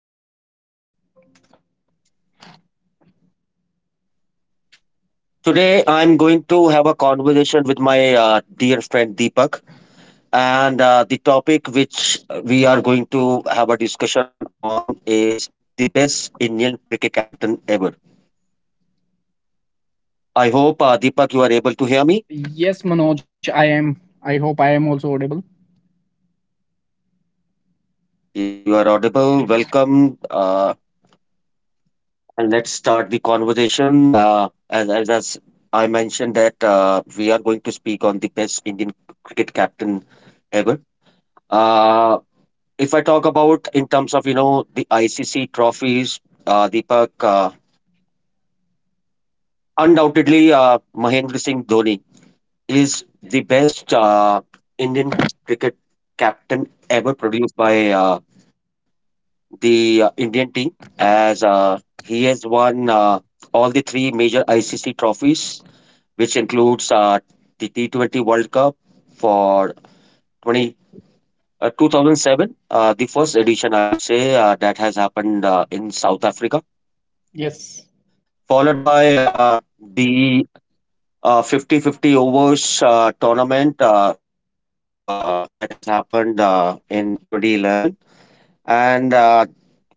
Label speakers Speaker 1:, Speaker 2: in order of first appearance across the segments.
Speaker 1: Hello.
Speaker 2: My name is Manoj. Today I'm going to have a conversation with my dear friend Deepak. And the topic which we are going to have a discussion on is the best Indian cricket captain ever. I hope, Deepak, you are able to hear me.
Speaker 1: Yes, Manoj, I am. I hope I am also audible.
Speaker 2: Yes, you are audible. Welcome. And let's start the conversation. As I mentioned, that we are going to speak on the best Indian cricket captain ever. Uh, if I talk about in terms of you know the ICC trophies, Deepak, undoubtedly Mahendra Singh Dhoni is the best Indian cricket captain ever produced by the Indian team, as he has won all the three major ICC trophies, which includes the T20 World Cup for 20. 2007, the first edition, I would say, that has happened in South Africa,
Speaker 1: Yes.
Speaker 2: followed by the 50-50 overs tournament, the World Cup that has happened in 2011, and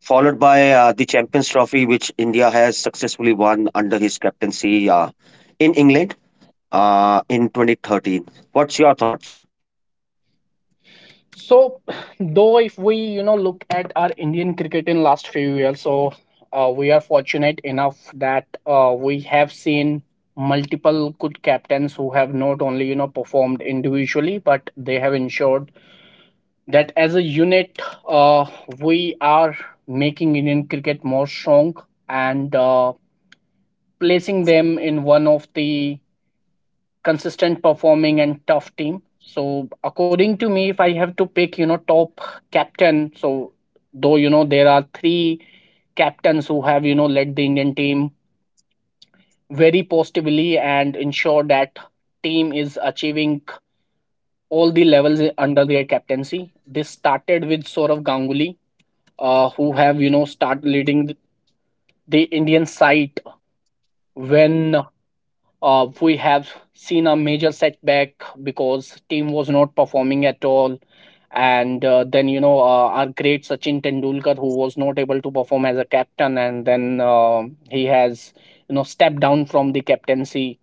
Speaker 2: followed by the Champions Trophy, which India has successfully won under his captaincy in England in 2013. What's your thoughts?
Speaker 1: So, though if we look at our Indian cricket in last few years, so we are fortunate enough that we have seen multiple good captains who have not only performed individually, but they have ensured that as a unit, uh, we are making Indian cricket more strong and placing them in one of the consistent performing and tough team. So according to me, if I have to pick, top captain, so though there are three captains who have led the Indian team very positively and ensure that team is achieving all the levels under their captaincy. This started with Saurav Ganguly, who have start leading the Indian side when we have seen a major setback because team was not performing at all and then you know our great Sachin Tendulkar who was not able to perform as a captain, and then he has stepped down from the captaincy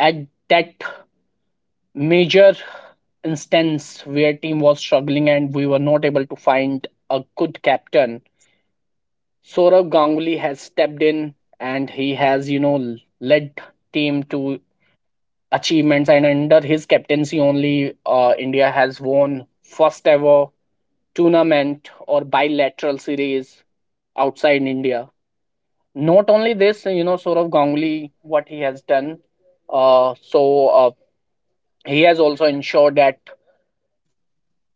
Speaker 1: at that major instance where team was struggling and we were not able to find a good captain. Saurav Ganguly has stepped in, and he has led team to achievements, and under his captaincy only India has won first ever tournament or bilateral series outside India. Not only this, sort of Ganguly what he has done, uh, so uh, he has also ensured that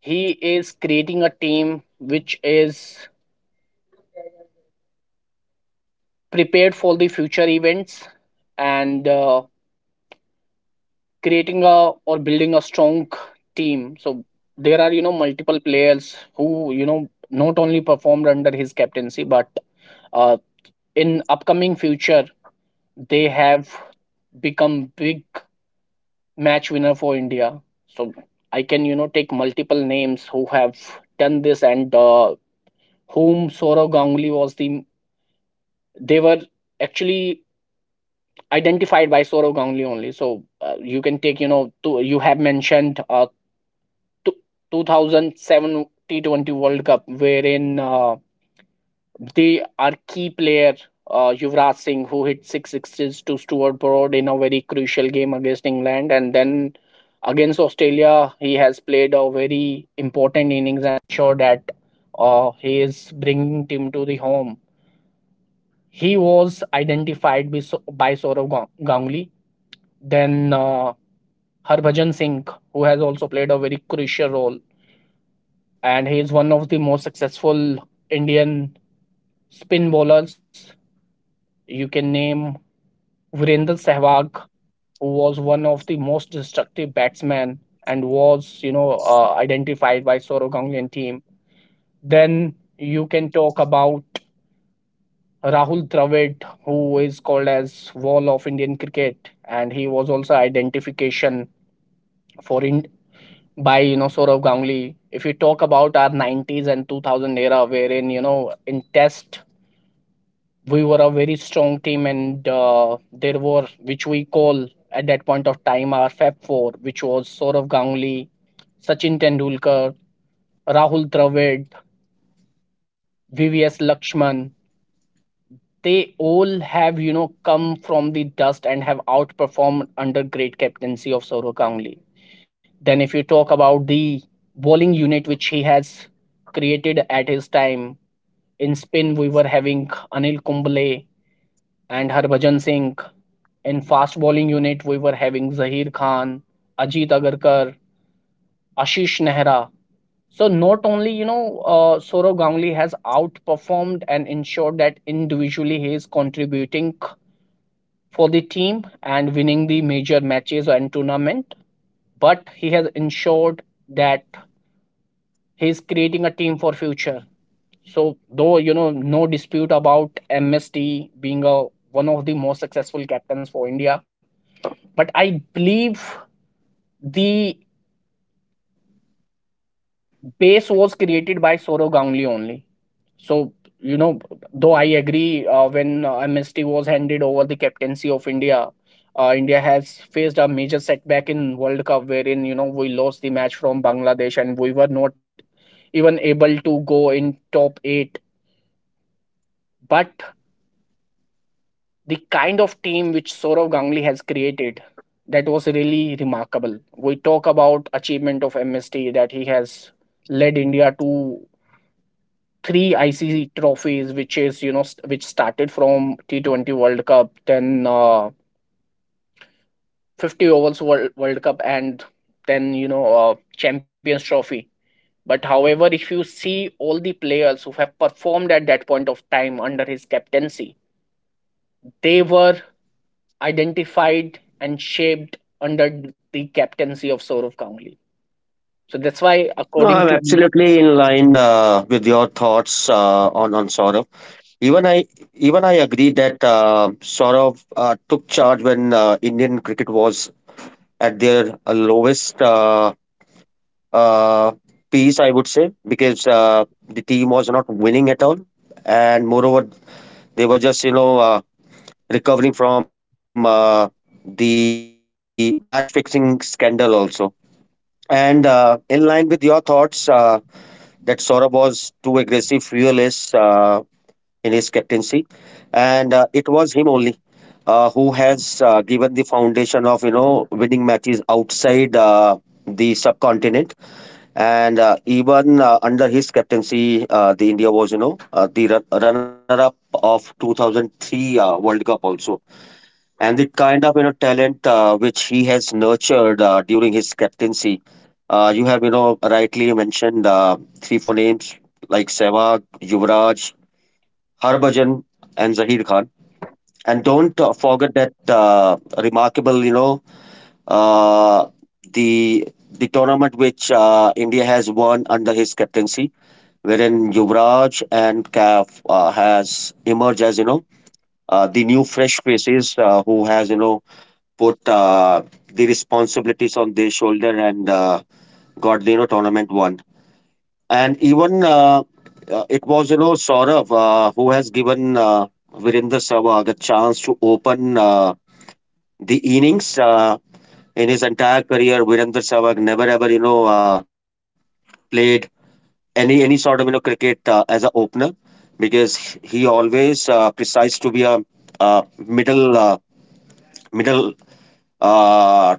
Speaker 1: he is creating a team which is prepared for the future events, and creating a or building a strong team. So there are multiple players who not only performed under his captaincy, but uh, in upcoming future they have become big match winner for India. So I can take multiple names who have done this, and whom Sourav Ganguly was the, they were actually identified by Sourav Ganguly only. So you can take two, you have mentioned 2007 2007 T20 World Cup, wherein they are key player, Yuvraj Singh, who hit six sixes to Stuart Broad in a very crucial game against England, and then against Australia, he has played a very important innings and showed that he is bringing team to the home. He was identified by, by Sourav Ganguly. Then Harbhajan Singh, who has also played a very crucial role, and he is one of the most successful Indian spin bowlers. You can name Virendra Sehwag, who was one of the most destructive batsmen and was, identified by Sourav Ganguly team. Then you can talk about Rahul Dravid, who is called as Wall of Indian cricket, and he was also identification for in by Sourav Ganguly. If you talk about our 90s and 2000 era, wherein in Test we were a very strong team, and there were which we call at that point of time our fab four, which was Saurav Ganguly, Sachin Tendulkar, Rahul Dravid, VVS Lakshman. They all have come from the dust and have outperformed under great captaincy of Saurav Ganguly. Then if you talk about the bowling unit which he has created at his time, in spin we were having Anil Kumble and Harbhajan Singh. In fast bowling unit, we were having Zaheer Khan, Ajit Agarkar, Ashish Nehra. So not only Sourav Ganguly has outperformed and ensured that individually he is contributing for the team and winning the major matches and tournament, but he has ensured that he is creating a team for future. So though no dispute about MST being a one of the most successful captains for India, but I believe the pace was created by Soro Ganguly only. So, you know, though I agree when MST was handed over the captaincy of India, India has faced a major setback in World Cup wherein, we lost the match from Bangladesh and we were not even able to go in top 8. But the kind of team which Sourav Ganguly has created, that was really remarkable. We talk about achievement of MST that he has led India to three ICC trophies, which is which started from T20 World Cup, then 50 overs World Cup, and then Champions Trophy. But however, if you see all the players who have performed at that point of time under his captaincy, they were identified and shaped under the captaincy of Sourav Ganguly. So that's why,
Speaker 2: No,
Speaker 1: according to
Speaker 2: I'm
Speaker 1: me,
Speaker 2: absolutely in line with your thoughts on Saurav. Even I even I agree that Saurav took charge when Indian cricket was at their lowest uh, piece, I would say, because the team was not winning at all, and moreover, they were just you know recovering from the match fixing scandal also. And in line with your thoughts, that Saurav was too aggressive, fearless. In his captaincy, and it was him only who has given the foundation of you know winning matches outside the subcontinent, and even under his captaincy, the India was you know the runner-up of 2003 World Cup also. And the kind of you know talent which he has nurtured during his captaincy, you have you know rightly mentioned three four names like Sehwag, Yuvraj, Harbhajan and Zaheer Khan. And don't forget that remarkable, you know, uh, the tournament which India has won under his captaincy, wherein Yuvraj and Kaf has emerged as you know the new fresh faces who has you know put the responsibilities on their shoulder and got the you know tournament won. And even it was, you know, Saurav who has given Virendra Sehwag a chance to open the innings in his entire career. Virendra Sehwag never ever, you know, played any sort of you know cricket as an opener because he always precise to be a uh, middle uh, middle uh,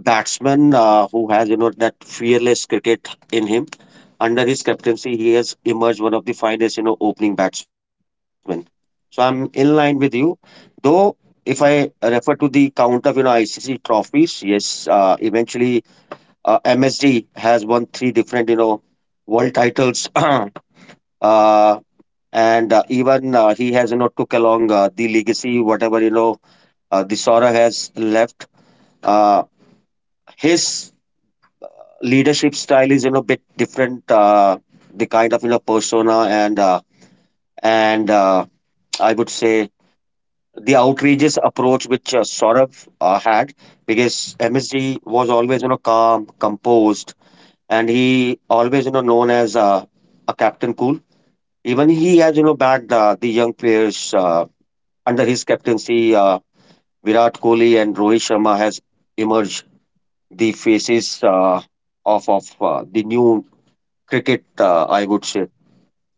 Speaker 2: batsman who has you know that fearless cricket in him. Under his captaincy, he has emerged one of the finest you know opening batsmen. So I'm in line with you, though. If I refer to the count of you know ICC trophies, yes, eventually MSD has won three different you know world titles, and even he has you know took along the legacy, whatever you know the Sora has left. His leadership style is you know bit different the kind of you know persona and I would say the outrageous approach which Saurabh had because MSG was always you know calm composed and he always you know known as a captain cool. Even he has you know backed the young players under his captaincy. Virat Kohli and Rohit Sharma has emerged the faces of the new cricket, I would say.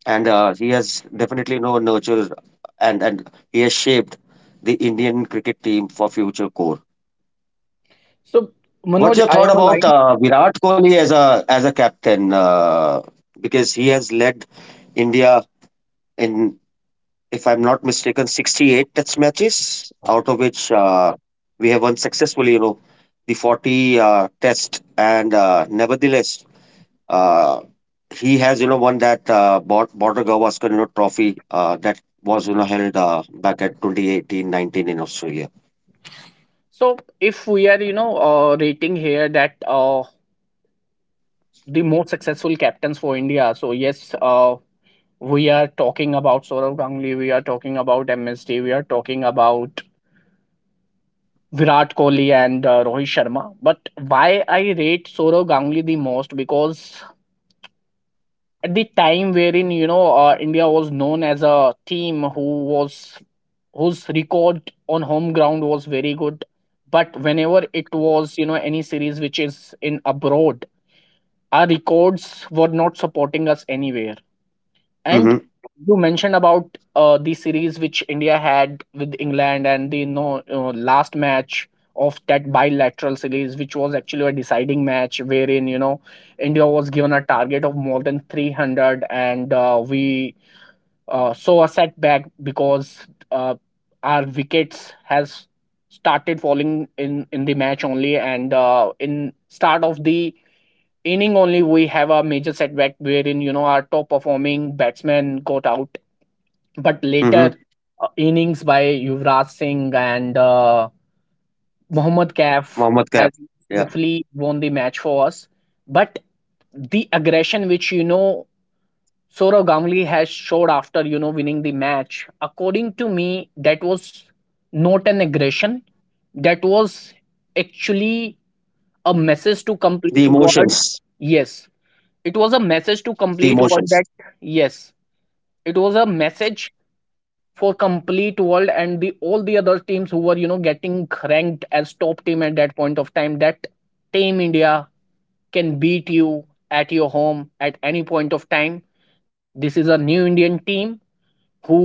Speaker 2: And he has definitely no nurture and he has shaped the Indian cricket team for future core.
Speaker 1: so Manoj,
Speaker 2: What's your
Speaker 1: I am
Speaker 2: thought about
Speaker 1: aligned.
Speaker 2: Virat Kohli as a captain? Because he has led India in, if I'm not mistaken, 68 Test matches, out of which we have won successfully, you know, the 40 Test. And nevertheless, Uh, he has, you know, won that Border Gavaskar, you know, trophy that was, you know, held back at 2018-19 in Australia.
Speaker 1: So if we are, rating here that the most successful captains for India. So yes, we are talking about Sourav Ganguly, we are talking about MSD, we are talking about Virat Kohli and Rohit Sharma. But why I rate Sourav Ganguly the most? Because at the time wherein India was known as a team who was whose record on home ground was very good, but whenever it was any series which is in abroad, our records were not supporting us anywhere. And
Speaker 2: Mm-hmm.
Speaker 1: you mentioned about the series which India had with England, and the no last match of that bilateral series, which was actually a deciding match wherein India was given a target of more than 300, and we saw a setback because uh, our wickets has started falling in the match only, and in start of the inning only we have a major setback wherein our top performing batsman got out, but later
Speaker 2: Mm-hmm.
Speaker 1: innings by Yuvraj Singh and Mohammad Kaif
Speaker 2: Mohammad
Speaker 1: has
Speaker 2: Kaif. Yeah.
Speaker 1: safely won the match for us. But the aggression which Sourav Ganguly has showed after winning the match, according to me, that was not an aggression, that was actually a message to
Speaker 2: The
Speaker 1: complete
Speaker 2: emotions.
Speaker 1: world. Yes, it was a message to
Speaker 2: The
Speaker 1: complete
Speaker 2: emotions.
Speaker 1: world that yes, it was a message for complete world, and the all the other teams who were getting ranked as top team at that point of time that team India can beat you at your home at any point of time. This is a new Indian team who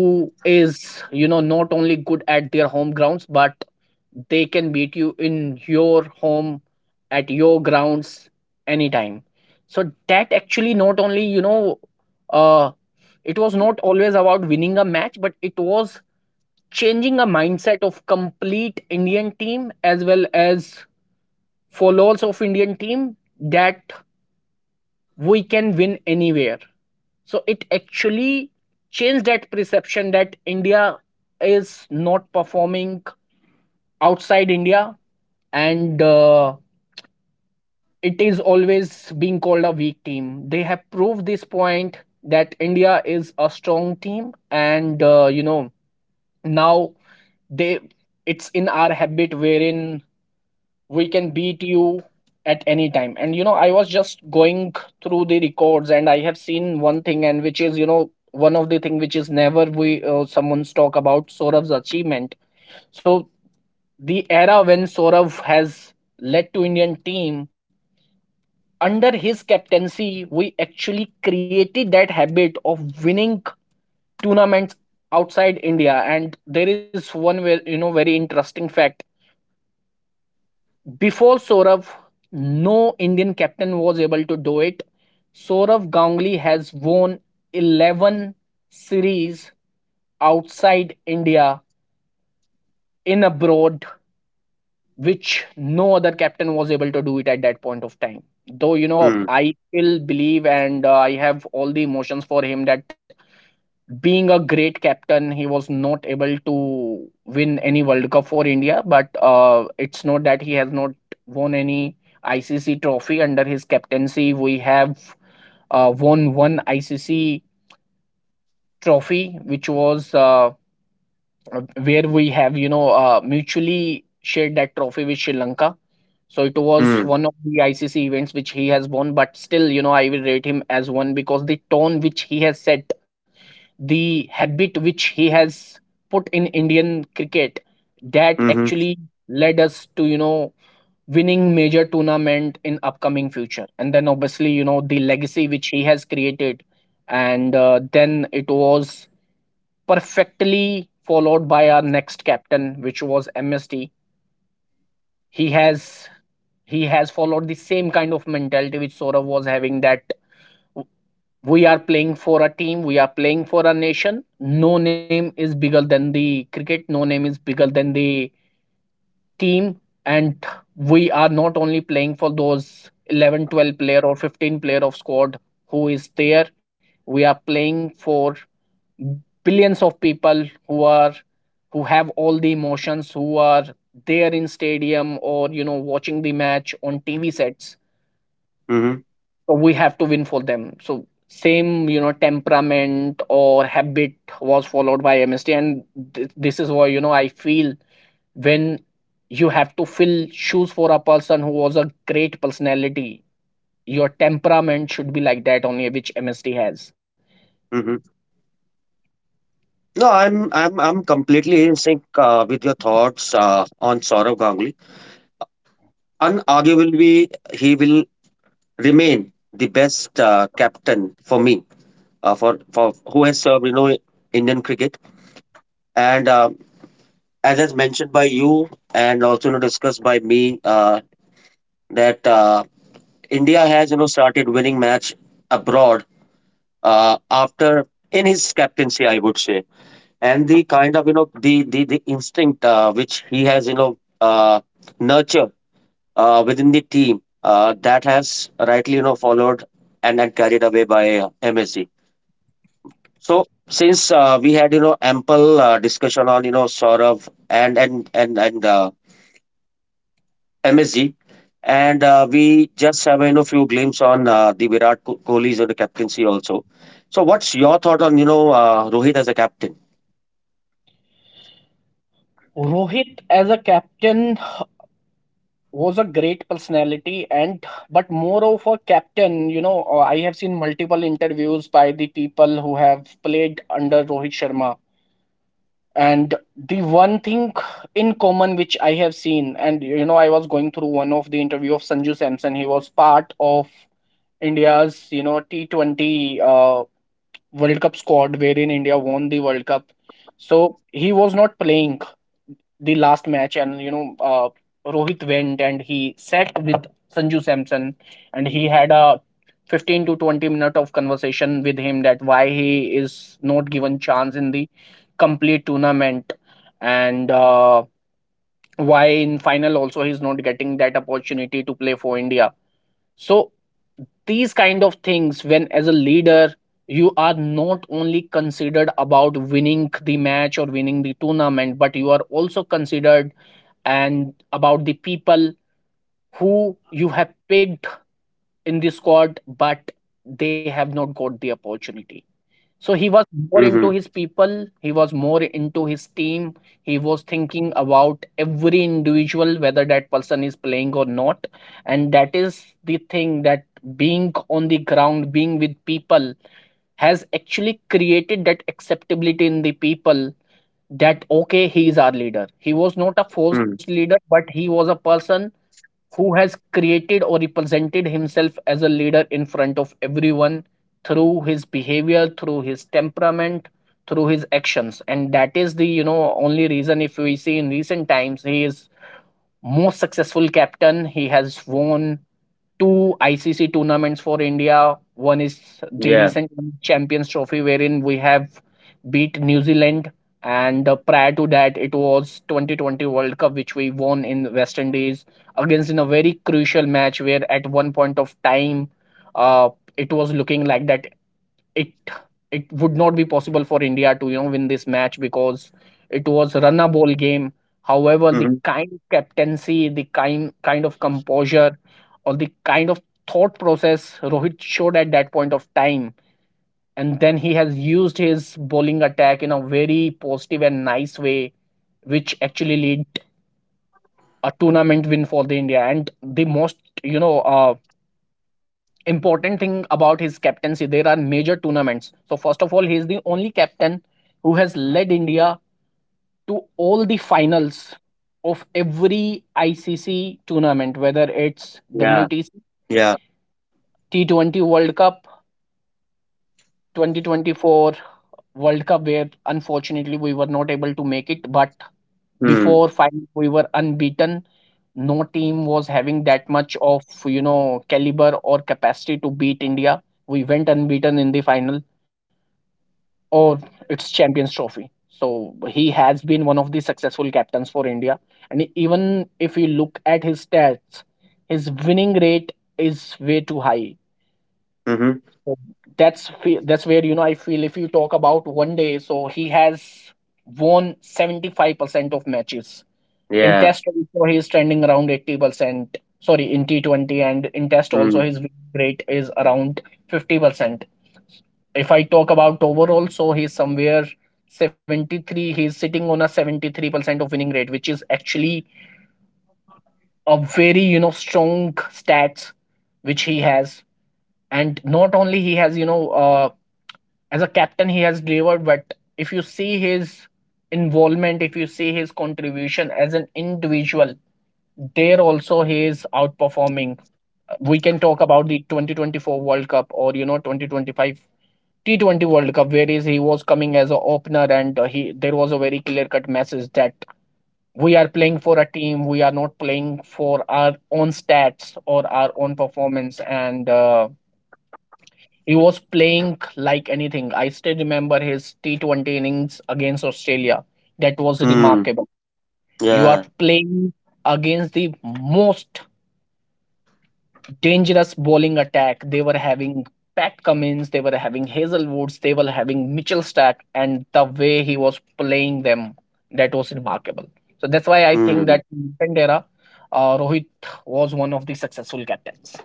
Speaker 1: is not only good at their home grounds, but they can beat you in your home, at your grounds, anytime. So that actually not only uh it was not always about winning a match, but it was changing a mindset of complete Indian team as well as followers of Indian team that we can win anywhere. So it actually changed that perception that India is not performing outside India, and it is always being called a weak team. They have proved this point that India is a strong team, and now they it's in our habit wherein we can beat you at any time. And you know I was just going through the records, and I have seen one thing, and which is one of the thing which is never we someone's talk about Sourav's achievement. So the era when Sourav has led to Indian team under his captaincy, we actually created that habit of winning tournaments outside India. And there is one very interesting fact: before Sourav, no Indian captain was able to do it. Sourav Ganguly has won 11 series outside India, in abroad, which no other captain was able to do it at that point of time. Though
Speaker 2: Mm.
Speaker 1: I still believe and I have all the emotions for him that being a great captain he was not able to win any World Cup for India, but it's not that he has not won any ICC trophy. Under his captaincy we have won one ICC trophy, which was where we have mutually shared that trophy with Sri Lanka. So it was one
Speaker 2: Mm.
Speaker 1: of the ICC events which he has won, but still, I will rate him as one because the tone which he has set, the habit which he has put in Indian cricket, that
Speaker 2: Mm-hmm.
Speaker 1: actually led us to, winning major tournament in upcoming future. And then obviously, the legacy which he has created, and then it was perfectly followed by our next captain, which was MST. He has he has followed the same kind of mentality which Saurav was having that we are playing for a team, we are playing for a nation. No name is bigger than the cricket, no name is bigger than the team. And we are not only playing for those 11, 12 player or 15 player of squad who is there, we are playing for billions of people who have all the emotions who are there in stadium or watching the match on TV sets.
Speaker 2: Mm-hmm.
Speaker 1: We have to win for them. So same temperament or habit was followed by MSD, and this is why I feel when you have to fill shoes for a person who was a great personality, your temperament should be like that only which MSD has.
Speaker 2: Mm-hmm. No, I'm completely in sync with your thoughts on Saurav Ganguly. Unarguably, he will remain the best captain for me for who has served you know Indian cricket. And as mentioned by you, and also you know, discussed by me, that India has you know started winning match abroad after in his captaincy, I would say, and the kind of you know the instinct which he has you know nurtured within the team that has rightly you know followed and then carried away by MSG. So since we had you know ample discussion on you know Saurav and MSG, and we just have you know few glimpse on the Virat Kohli's you know captaincy also. So, what's your thought on you know Rohit as a captain?
Speaker 1: Rohit as a captain was a great personality and but more of a captain, I have seen multiple interviews by the people who have played under Rohit Sharma. And the one thing in common which I have seen, and I was going through one of the interview of Sanju Samson. He was part of India's T20 world cup squad wherein India won the world cup. So he was not playing the last match, and Rohit went and he sat with Sanju Samson, and he had a 15 to 20 minute of conversation with him, that why he is not given chance in the complete tournament, and why in final also he's not getting that opportunity to play for India. So these kind of things, when as a leader you are not only considered about winning the match or winning the tournament, but you are also considered and about the people who you have picked in the squad, but they have not got the opportunity. So he
Speaker 2: Mm-hmm.
Speaker 1: was more into his people, he was more into his team, he was thinking about every individual, whether that person is playing or not. And that is the thing, that being on the ground, being with people, has actually created that acceptability in the people, that okay, he is our leader. He was not a
Speaker 2: Mm-hmm.
Speaker 1: forced leader, but he was a person who has created or represented himself as a leader in front of everyone, through his behavior, through his temperament, through his actions. And that is the only reason. If we see in recent times, he is most successful captain. He has won two ICC tournaments for India. One is the
Speaker 2: Yeah.
Speaker 1: recent Champions Trophy, wherein we have beat New Zealand, and prior to that, it was 2020 World Cup, which we won in West Indies, against in a very crucial match where at one point of time, uh, it was looking like that it it would not be possible for India to win this match, because it was a runnable game. However, the
Speaker 2: Mm-hmm.
Speaker 1: kind of captaincy, the kind of composure, or the kind of thought process Rohit showed at that point of time, and then he has used his bowling attack in a very positive and nice way, which actually led a tournament win for the India. And the most you know uh, important thing about his captaincy, there are major tournaments. So first of all, he is the only captain who has led India to all the finals of every ICC tournament, whether it's
Speaker 2: Yeah.
Speaker 1: WTC,
Speaker 2: Yeah.
Speaker 1: 20 World Cup, 2024 World Cup, where unfortunately we were not able to make it. But
Speaker 2: Mm.
Speaker 1: before final, we were unbeaten. No team was having that much of caliber or capacity to beat India. We went unbeaten in the final, or its Champions Trophy. So he has been one of the successful captains for India. And even if you look at his stats, his winning rate is way too high.
Speaker 2: Mm-hmm.
Speaker 1: So that's where I feel, if you talk about one day, so he has won 75% of matches. In Test
Speaker 2: Yeah.
Speaker 1: also, he is trending around 80%, sorry, in T20. And in Test also,
Speaker 2: Mm-hmm.
Speaker 1: his win rate is around 50%. If I talk about overall, so he's somewhere 73, he's sitting on a 73% of winning rate, which is actually a very strong stats which he has. And not only he has as a captain he has delivered, but if you see his involvement, if you see his contribution as an individual, there also he is outperforming. We can talk about the 2024 World Cup or 2025 T20 World Cup, where is he was coming as an opener, and he there was a very clear cut message that we are playing for a team, we are not playing for our own stats or our own performance, and he was playing like anything. I still remember his T20 innings against Australia. That was remarkable. You are
Speaker 2: Yeah.
Speaker 1: playing against the most dangerous bowling attack. They were having Pat Cummins, they were having Hazelwoods, they were having Mitchell Starc, and the way he was playing them, that was remarkable. So that's why I think
Speaker 2: Mm.
Speaker 1: that in second era, Rohit was one of the successful captains.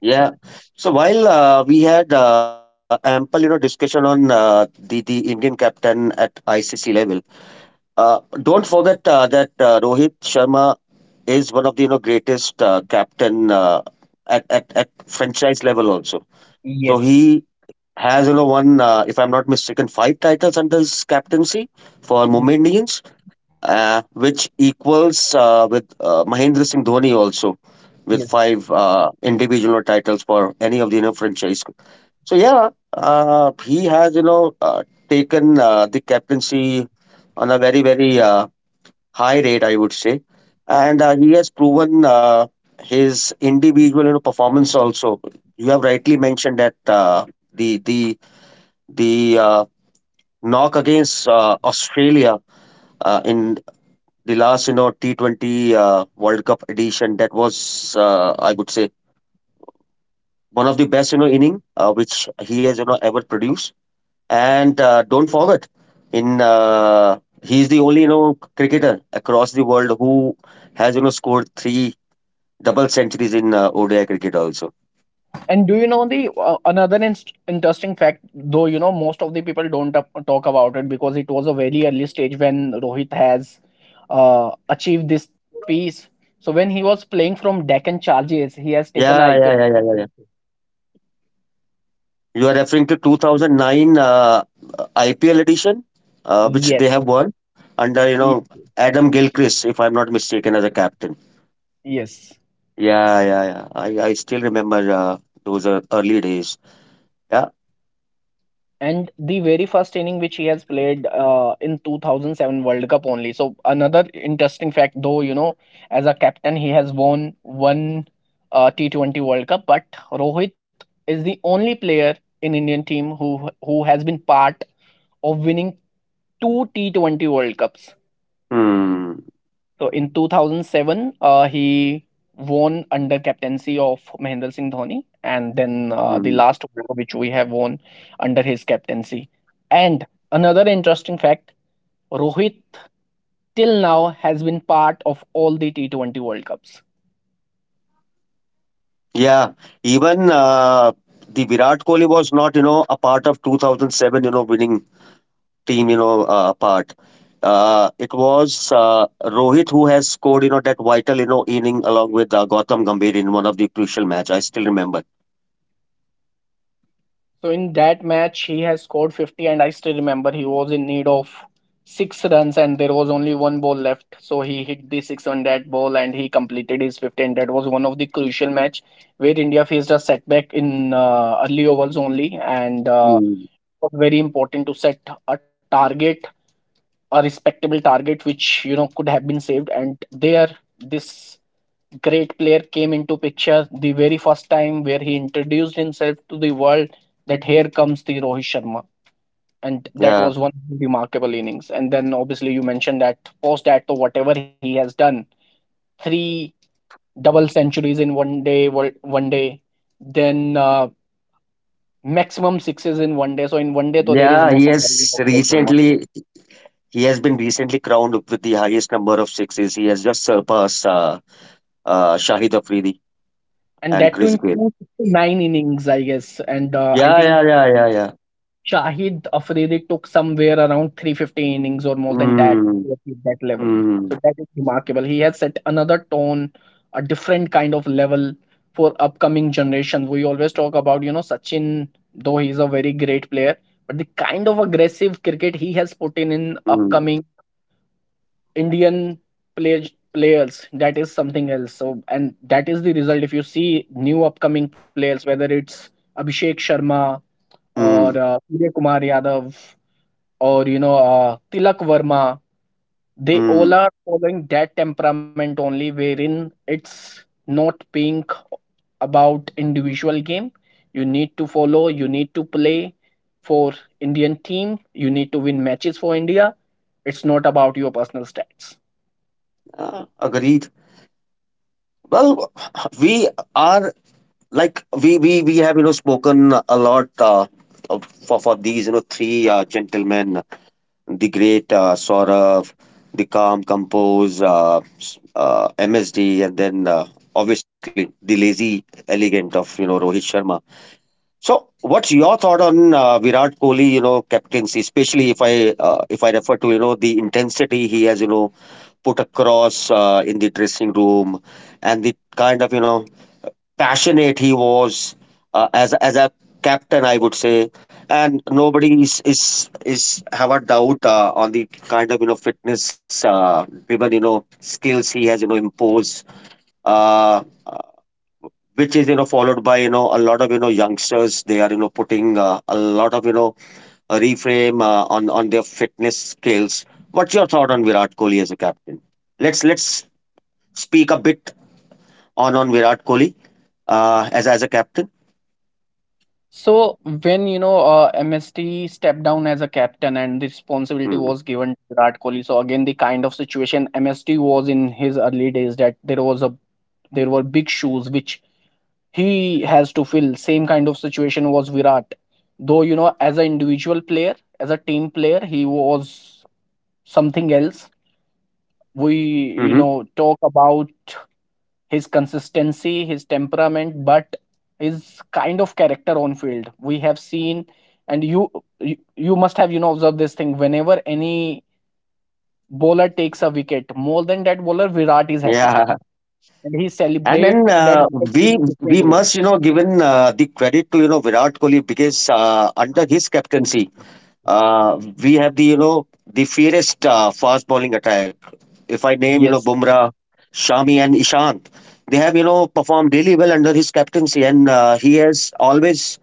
Speaker 2: Yeah. So while we had ample, you know, discussion on the Indian captain at ICC level, don't forget that Rohit Sharma is one of the you know greatest captain at franchise level also. So
Speaker 1: Yes.
Speaker 2: he has you know won, if I'm not mistaken, 5 titles under his captaincy for Mumbai Indians, which equals with Mahendra Singh Dhoni also with
Speaker 1: Yes.
Speaker 2: five individual titles for any of the you know franchise. So yeah, he has you know taken the captaincy on a very high rate, I would say. And he has proven his individual you know performance also. You have rightly mentioned that the knock against Australia in the last you know T20 World Cup edition, that was I would say one of the best you know inning which he has you know ever produced. And don't forget, in he is the only you know cricketer across the world who has you know scored 3 Double centuries in ODI cricket also.
Speaker 1: And do you know the another interesting fact? Though most of the people don't talk about it, because it was a very early stage when Rohit has achieved this piece. So when he was playing from Deccan Charges, he has taken
Speaker 2: Yeah, yeah, yeah, yeah, yeah.
Speaker 1: IPL.
Speaker 2: yeah. You are referring to 2009 IPL edition, which
Speaker 1: Yes,
Speaker 2: they have won under, you know,
Speaker 1: yes,
Speaker 2: Adam Gilchrist, if I'm not mistaken, as a captain.
Speaker 1: yes.
Speaker 2: Yeah. I still remember those early days. Yeah.
Speaker 1: And the very first inning which he has played in 2007 world cup only. So another interesting fact: though as a captain he has won one T20 world cup, but Rohit is the only player in Indian team who has been part of winning two T20 world cups.
Speaker 2: Hmm.
Speaker 1: So in 2007, he won under captaincy of Mahendra Singh Dhoni, and then the
Speaker 2: Hmm.
Speaker 1: last World Cup which we have won under his captaincy. And another interesting fact: Rohit till now has been part of all the T20 World Cups.
Speaker 2: Yeah. Even the Virat Kohli was not, you know, a part of 2007, you know, winning team, you know, apart. It was Rohit who has scored, you know, that vital, you know, inning along with Gautam Gambhir in one of the crucial match. I still remember.
Speaker 1: So in that match, he has scored 50, and I still remember he was in need of six runs, and there was only one ball left. So he hit the six on that ball, and he completed his 50. And that was one of the crucial match, where India faced a setback in early overs only, and
Speaker 2: Mm.
Speaker 1: was very important to set a target, a respectable target, which could have been saved. And there, this great player came into picture the very first time, where he introduced himself to the world that here comes the Rohit Sharma. And that
Speaker 2: Yeah,
Speaker 1: was one remarkable innings. And then obviously you mentioned that post that, so whatever he has done: three double centuries in one day one day, then maximum sixes in one day. So in one day, so there is
Speaker 2: yeah.
Speaker 1: no comparison of Rohit Sharma.
Speaker 2: He has been recently crowned with the highest number of sixes. He has just surpassed Shahid Afridi
Speaker 1: And
Speaker 2: and
Speaker 1: that too
Speaker 2: Chris
Speaker 1: in
Speaker 2: Gayle.
Speaker 1: 269 innings, I guess. And I
Speaker 2: Yeah,
Speaker 1: think
Speaker 2: yeah, yeah, yeah, yeah.
Speaker 1: Shahid Afridi took somewhere around 350 innings or more than that
Speaker 2: Mm,
Speaker 1: to achieve that level.
Speaker 2: mm,
Speaker 1: So that is remarkable. He has set another tone, a different kind of level for upcoming generations. We always talk about, Sachin. Though he's a very great player, but the kind of aggressive cricket he has put in
Speaker 2: mm,
Speaker 1: upcoming Indian players, that is something else. So and that is the result, if you see new upcoming players, whether it's Abhishek Sharma or
Speaker 2: mm,
Speaker 1: Surya Kumar Yadav, or Tilak Varma. They all
Speaker 2: mm.
Speaker 1: are following that temperament only, wherein it's not being about individual game. You need to follow, you need to play for Indian team, you need to win matches for India. It's not about your personal stats.
Speaker 2: Agreed. Well, we are like we have you know spoken a lot for these you know three gentlemen, the great Saurav, the calm compose MSD, and then obviously the lazy elegant of you know Rohit Sharma. So what's your thought on Virat Kohli you know captaincy, especially if I refer to you know the intensity he has you know put across in the dressing room and the kind of you know passionate he was as a captain, I would say, and nobody is have a doubt on the kind of you know fitness driven you know skills he has you know imposed. Uh, uh, which is you know followed by you know a lot of you know youngsters. They are you know putting a lot of you know a reframe on their fitness skills. What's your thought on Virat Kohli as a captain? Let's speak a bit on Virat Kohli as a captain.
Speaker 1: So when MST stepped down as a captain, and the responsibility was given to Virat Kohli, so again the kind of situation MST was in his early days, that there was a there were big shoes which he has to fill, same kind of situation was Virat. Though as an individual player, as a team player, he was something else. We
Speaker 2: Mm-hmm.
Speaker 1: talk about his consistency, his temperament, but his kind of character on field we have seen, and you must have observed this thing: whenever any bowler takes a wicket, more than that bowler Virat is happy,
Speaker 2: Yeah,
Speaker 1: and he
Speaker 2: and then
Speaker 1: celebrate that
Speaker 2: uh,
Speaker 1: wicket in
Speaker 2: we
Speaker 1: a
Speaker 2: we
Speaker 1: different way.
Speaker 2: must you know given the credit to you know Virat Kohli because under his captaincy we have the you know the fiercest fast bowling attack. If I name you know
Speaker 1: Yes.
Speaker 2: Bumrah, Shami and Ishant, they have you know performed really well under his captaincy, and he has always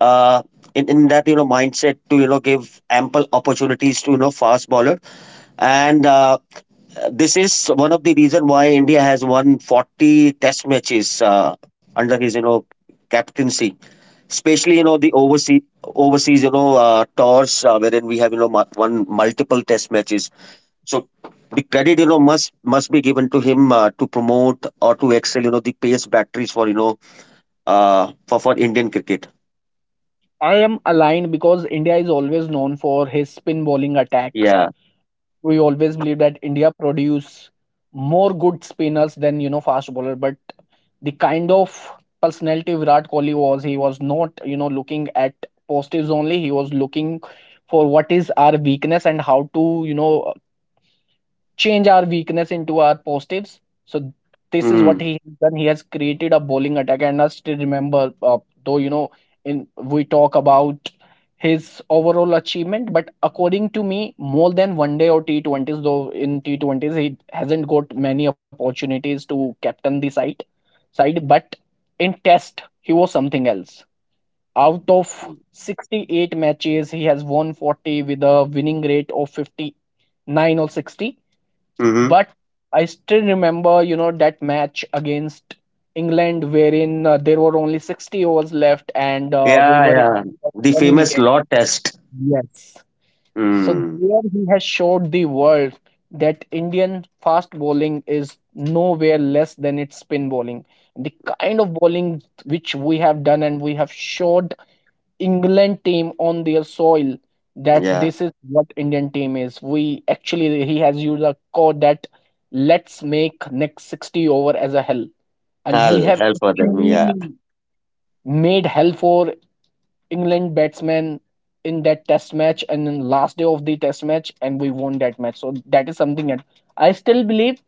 Speaker 2: uh, in that you know mindset to you know give ample opportunities to you know fast bowler and. This is one of the reason why India has won 40 test matches under his you know captaincy, especially you know the overseas you know tours wherein we have you know won multiple test matches. So the credit you know must be given to him to promote or to excel you know the pace batteries for you know for Indian cricket.
Speaker 1: I am aligned, because India is always known for his spin bowling attack.
Speaker 2: Yeah.
Speaker 1: We always believe that India produce more good spinners than fast bowler, but the kind of personality Virat Kohli was, he was not looking at positives only. He was looking for what is our weakness, and how to change our weakness into our positives. So this is
Speaker 2: Mm.
Speaker 1: what he has done. He has created a bowling attack, and I still remember, though you know, in we talk about his overall achievement, but according to me, more than one day or T20s, though in T20s he hasn't got many opportunities to captain the side, but in Test he was something else. Out of 68 matches, he has won 40 with a winning rate of 59 or 60.
Speaker 2: Mm-hmm.
Speaker 1: But I still remember, you know, that match against England wherein there were only 60 overs left and we
Speaker 2: Yeah,
Speaker 1: were in
Speaker 2: yeah, the
Speaker 1: 10
Speaker 2: famous
Speaker 1: wickets.
Speaker 2: law test.
Speaker 1: Yes. So
Speaker 2: Mm.
Speaker 1: there he has showed the world that Indian fast bowling is nowhere less than its spin bowling. The kind of bowling which we have done and we have showed England team on their soil that
Speaker 2: Yeah,
Speaker 1: this is what Indian team is. We actually he has used a code that let's make next 60 over as a hell. And we
Speaker 2: I'll
Speaker 1: have
Speaker 2: help for them, yeah.
Speaker 1: actually made hell for England batsmen in that test match and in last day of the test match and we won that match. So that is something that I still believe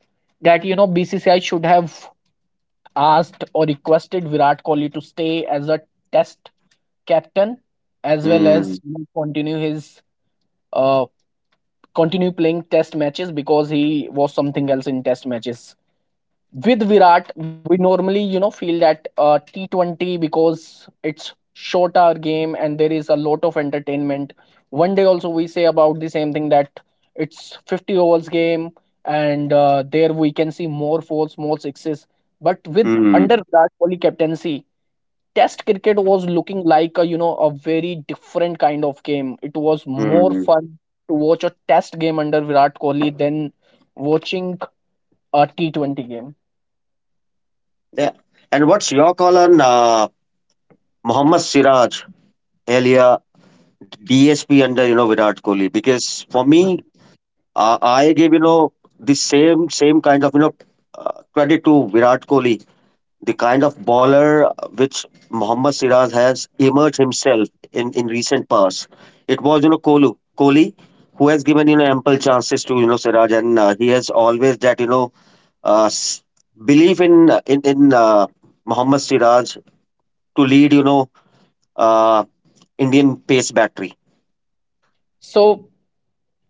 Speaker 1: that you know BCCI should have asked or requested Virat Kohli to stay as a test captain as well as
Speaker 2: Mm.
Speaker 1: you know, continue his uh, continue playing test matches because he was something else in test matches with Virat. We normally you know feel that T20, because it's short hour game and there is a lot of entertainment. One day also we say about the same thing that it's 50 overs game and there we can see more fours more sixes. But with
Speaker 2: Mm,
Speaker 1: under Virat Kohli captaincy test cricket was looking like a you know a very different kind of game. It was more
Speaker 2: mm.
Speaker 1: fun to watch a test game under Virat Kohli than watching a T20 game.
Speaker 2: Yeah. And what's your call on Mohammad Siraj, earlier DSP under you know Virat Kohli? Because for me, I gave you know the same kind of you know credit to Virat Kohli, the kind of bowler which Mohammad Siraj has emerged himself in recent past. It was you know Kohli who has given you know ample chances to you know Siraj, and he has always that you know uh, s- belief in Mohammad Siraj to lead, you know, uh, Indian pace battery.
Speaker 1: So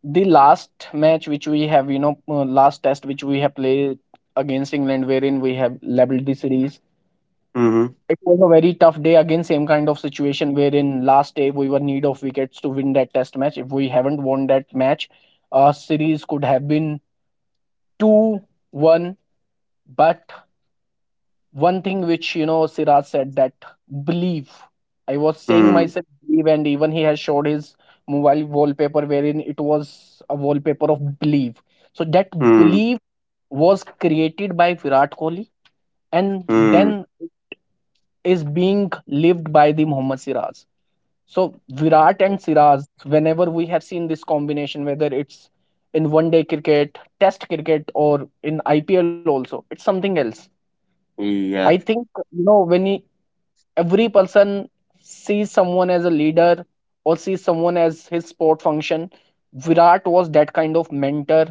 Speaker 1: the last match which we have you know last test which we have played against England wherein we have leveled the series,
Speaker 2: Mm-hmm.
Speaker 1: it was a very tough day. Again same kind of situation wherein last day we were need of wickets to win that test match. If we haven't won that match, our series could have been 2-1. But one thing which you know Siraj said that believe. I was saying
Speaker 2: Mm,
Speaker 1: myself believe, and even he has showed his mobile wallpaper wherein it was a wallpaper of believe. So that
Speaker 2: mm,
Speaker 1: believe was created by Virat Kohli and
Speaker 2: mm.
Speaker 1: then is being lived by the Mohammad Siraj. So Virat and Siraj, whenever we have seen this combination, whether it's in one day cricket, test cricket, or in IPL also, it's something else. I
Speaker 2: Yeah,
Speaker 1: think you know when you every person sees someone as a leader or sees someone as his sport function. Virat was that kind of mentor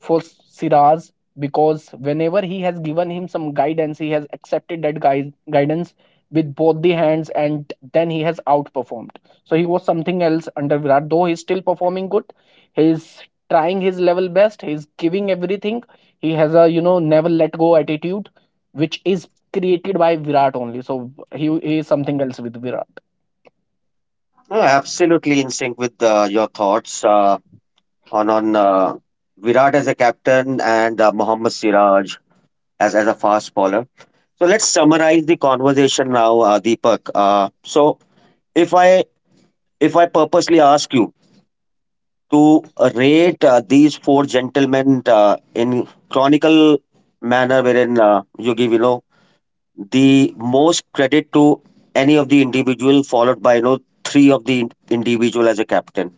Speaker 1: for Siraj because whenever he has given him some guidance, he has accepted that guidance with both the hands and then he has outperformed. So he was something else under Virat, though he's still performing good. He's trying his level best, he's giving everything. He has a, you know, never let go attitude, which is created by Virat only. So he is something else with Virat.
Speaker 2: No, absolutely in sync with your thoughts on Virat as a captain and Mohammad Siraj as a fast bowler. So let's summarize the conversation now, Deepak. So if I purposely ask you to rate these four gentlemen in chronicle manner wherein you give you know the most credit to any of the individual followed by you know three of the individual as a captain.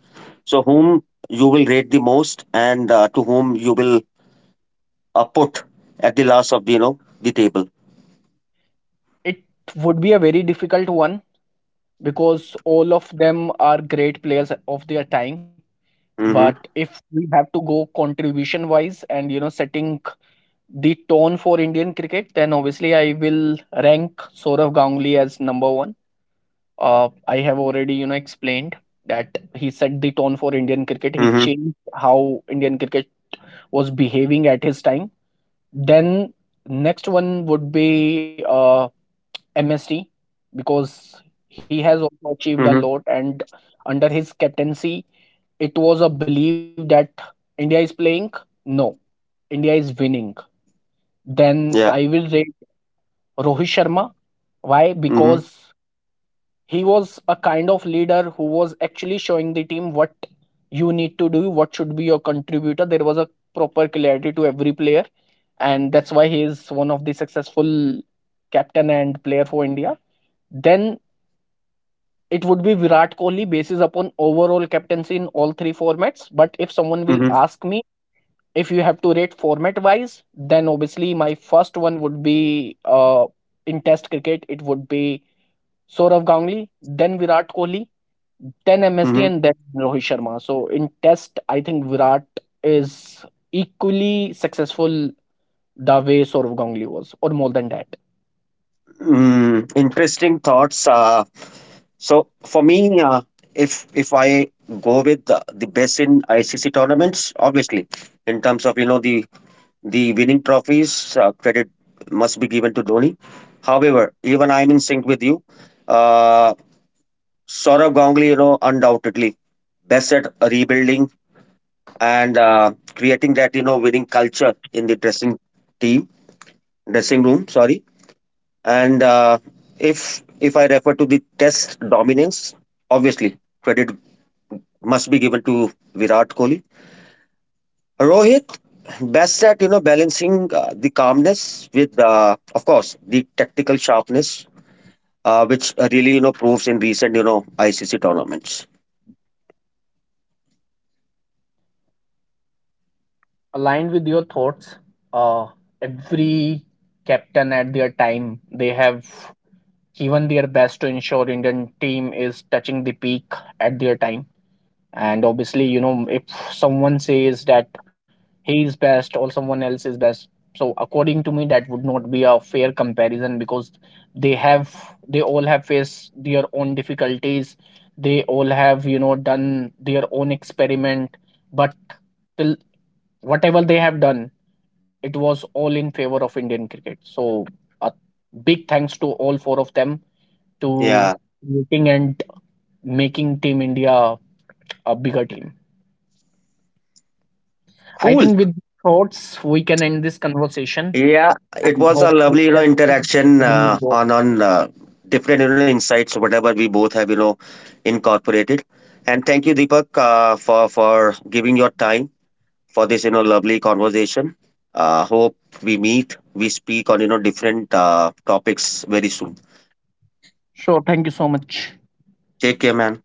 Speaker 2: So whom you will rate the most, and to whom you will put at the last of the you know the table?
Speaker 1: It would be a very difficult one because all of them are great players of their time. But
Speaker 2: Mm-hmm.
Speaker 1: if we have to go contribution wise and you know setting the tone for Indian cricket, then obviously I will rank Sourav Ganguly as number one. I have already you know explained that he
Speaker 2: Mm-hmm.
Speaker 1: set the tone for Indian cricket. He changed how Indian cricket was behaving at his time. Then next one would be MSD, because
Speaker 2: Mm-hmm.
Speaker 1: he has also achieved a lot, and under his captaincy, it was a belief that India is playing. No, India is winning. Then
Speaker 2: Yeah.
Speaker 1: I will rate Rohit Sharma. Why?
Speaker 2: Mm-hmm.
Speaker 1: Because he was a kind of leader who was actually showing the team what you need to do, what should be your contributor. There was a proper clarity to every player, and that's why he is one of the successful captain and player for India. Then it would be Virat Kohli basis upon overall captaincy in all three formats. But if someone
Speaker 2: Mm-hmm.
Speaker 1: will ask me if you have to rate format wise, then obviously my first one would be in Test cricket. It would be Sourav Ganguly, then Virat Kohli, then
Speaker 2: Mm-hmm.
Speaker 1: MSD, and then Rohit Sharma. So in Test, I think Virat is equally successful the way Sourav Ganguly was, or more than that.
Speaker 2: Mm, interesting thoughts. So for me, if I go with the best in ICC tournaments, obviously, in terms of you know the winning trophies, credit must be given to Dhoni. However, even I'm in sync with you. Uh, Saurabh Ganguly, you know, undoubtedly best at rebuilding and creating that you know winning culture in the dressing team, dressing room. Sorry, and if I refer to the Test dominance, obviously credit must be given to Virat Kohli. Rohit, best at you know balancing the calmness with, of course, the tactical sharpness, which really you know proves in recent you know ICC tournaments.
Speaker 1: Aligned with your thoughts, uh, every captain at their time they have given their best to ensure Indian team is touching the peak at their time. And obviously you know if someone says that he is best or someone else is best, so according to me that would not be a fair comparison because they have they all have faced their own difficulties, they all have you know done their own experiment. But till whatever they have done, it was all in favor of Indian cricket. So a big thanks to all four of them to
Speaker 2: Yeah,
Speaker 1: creating and making team India a bigger team. I
Speaker 2: cool.
Speaker 1: think with thoughts we can end this conversation
Speaker 2: Yeah, it
Speaker 1: and
Speaker 2: was a
Speaker 1: hopefully
Speaker 2: lovely you know
Speaker 1: that's
Speaker 2: interaction uh,
Speaker 1: involved.
Speaker 2: on on uh, different you know insights whatever we both have you know incorporated. And thank you, Deepak, for giving your time for this you know lovely conversation. Hope we meet, we speak on you know different topics very soon.
Speaker 1: Sure, thank you so much.
Speaker 2: Take care, man.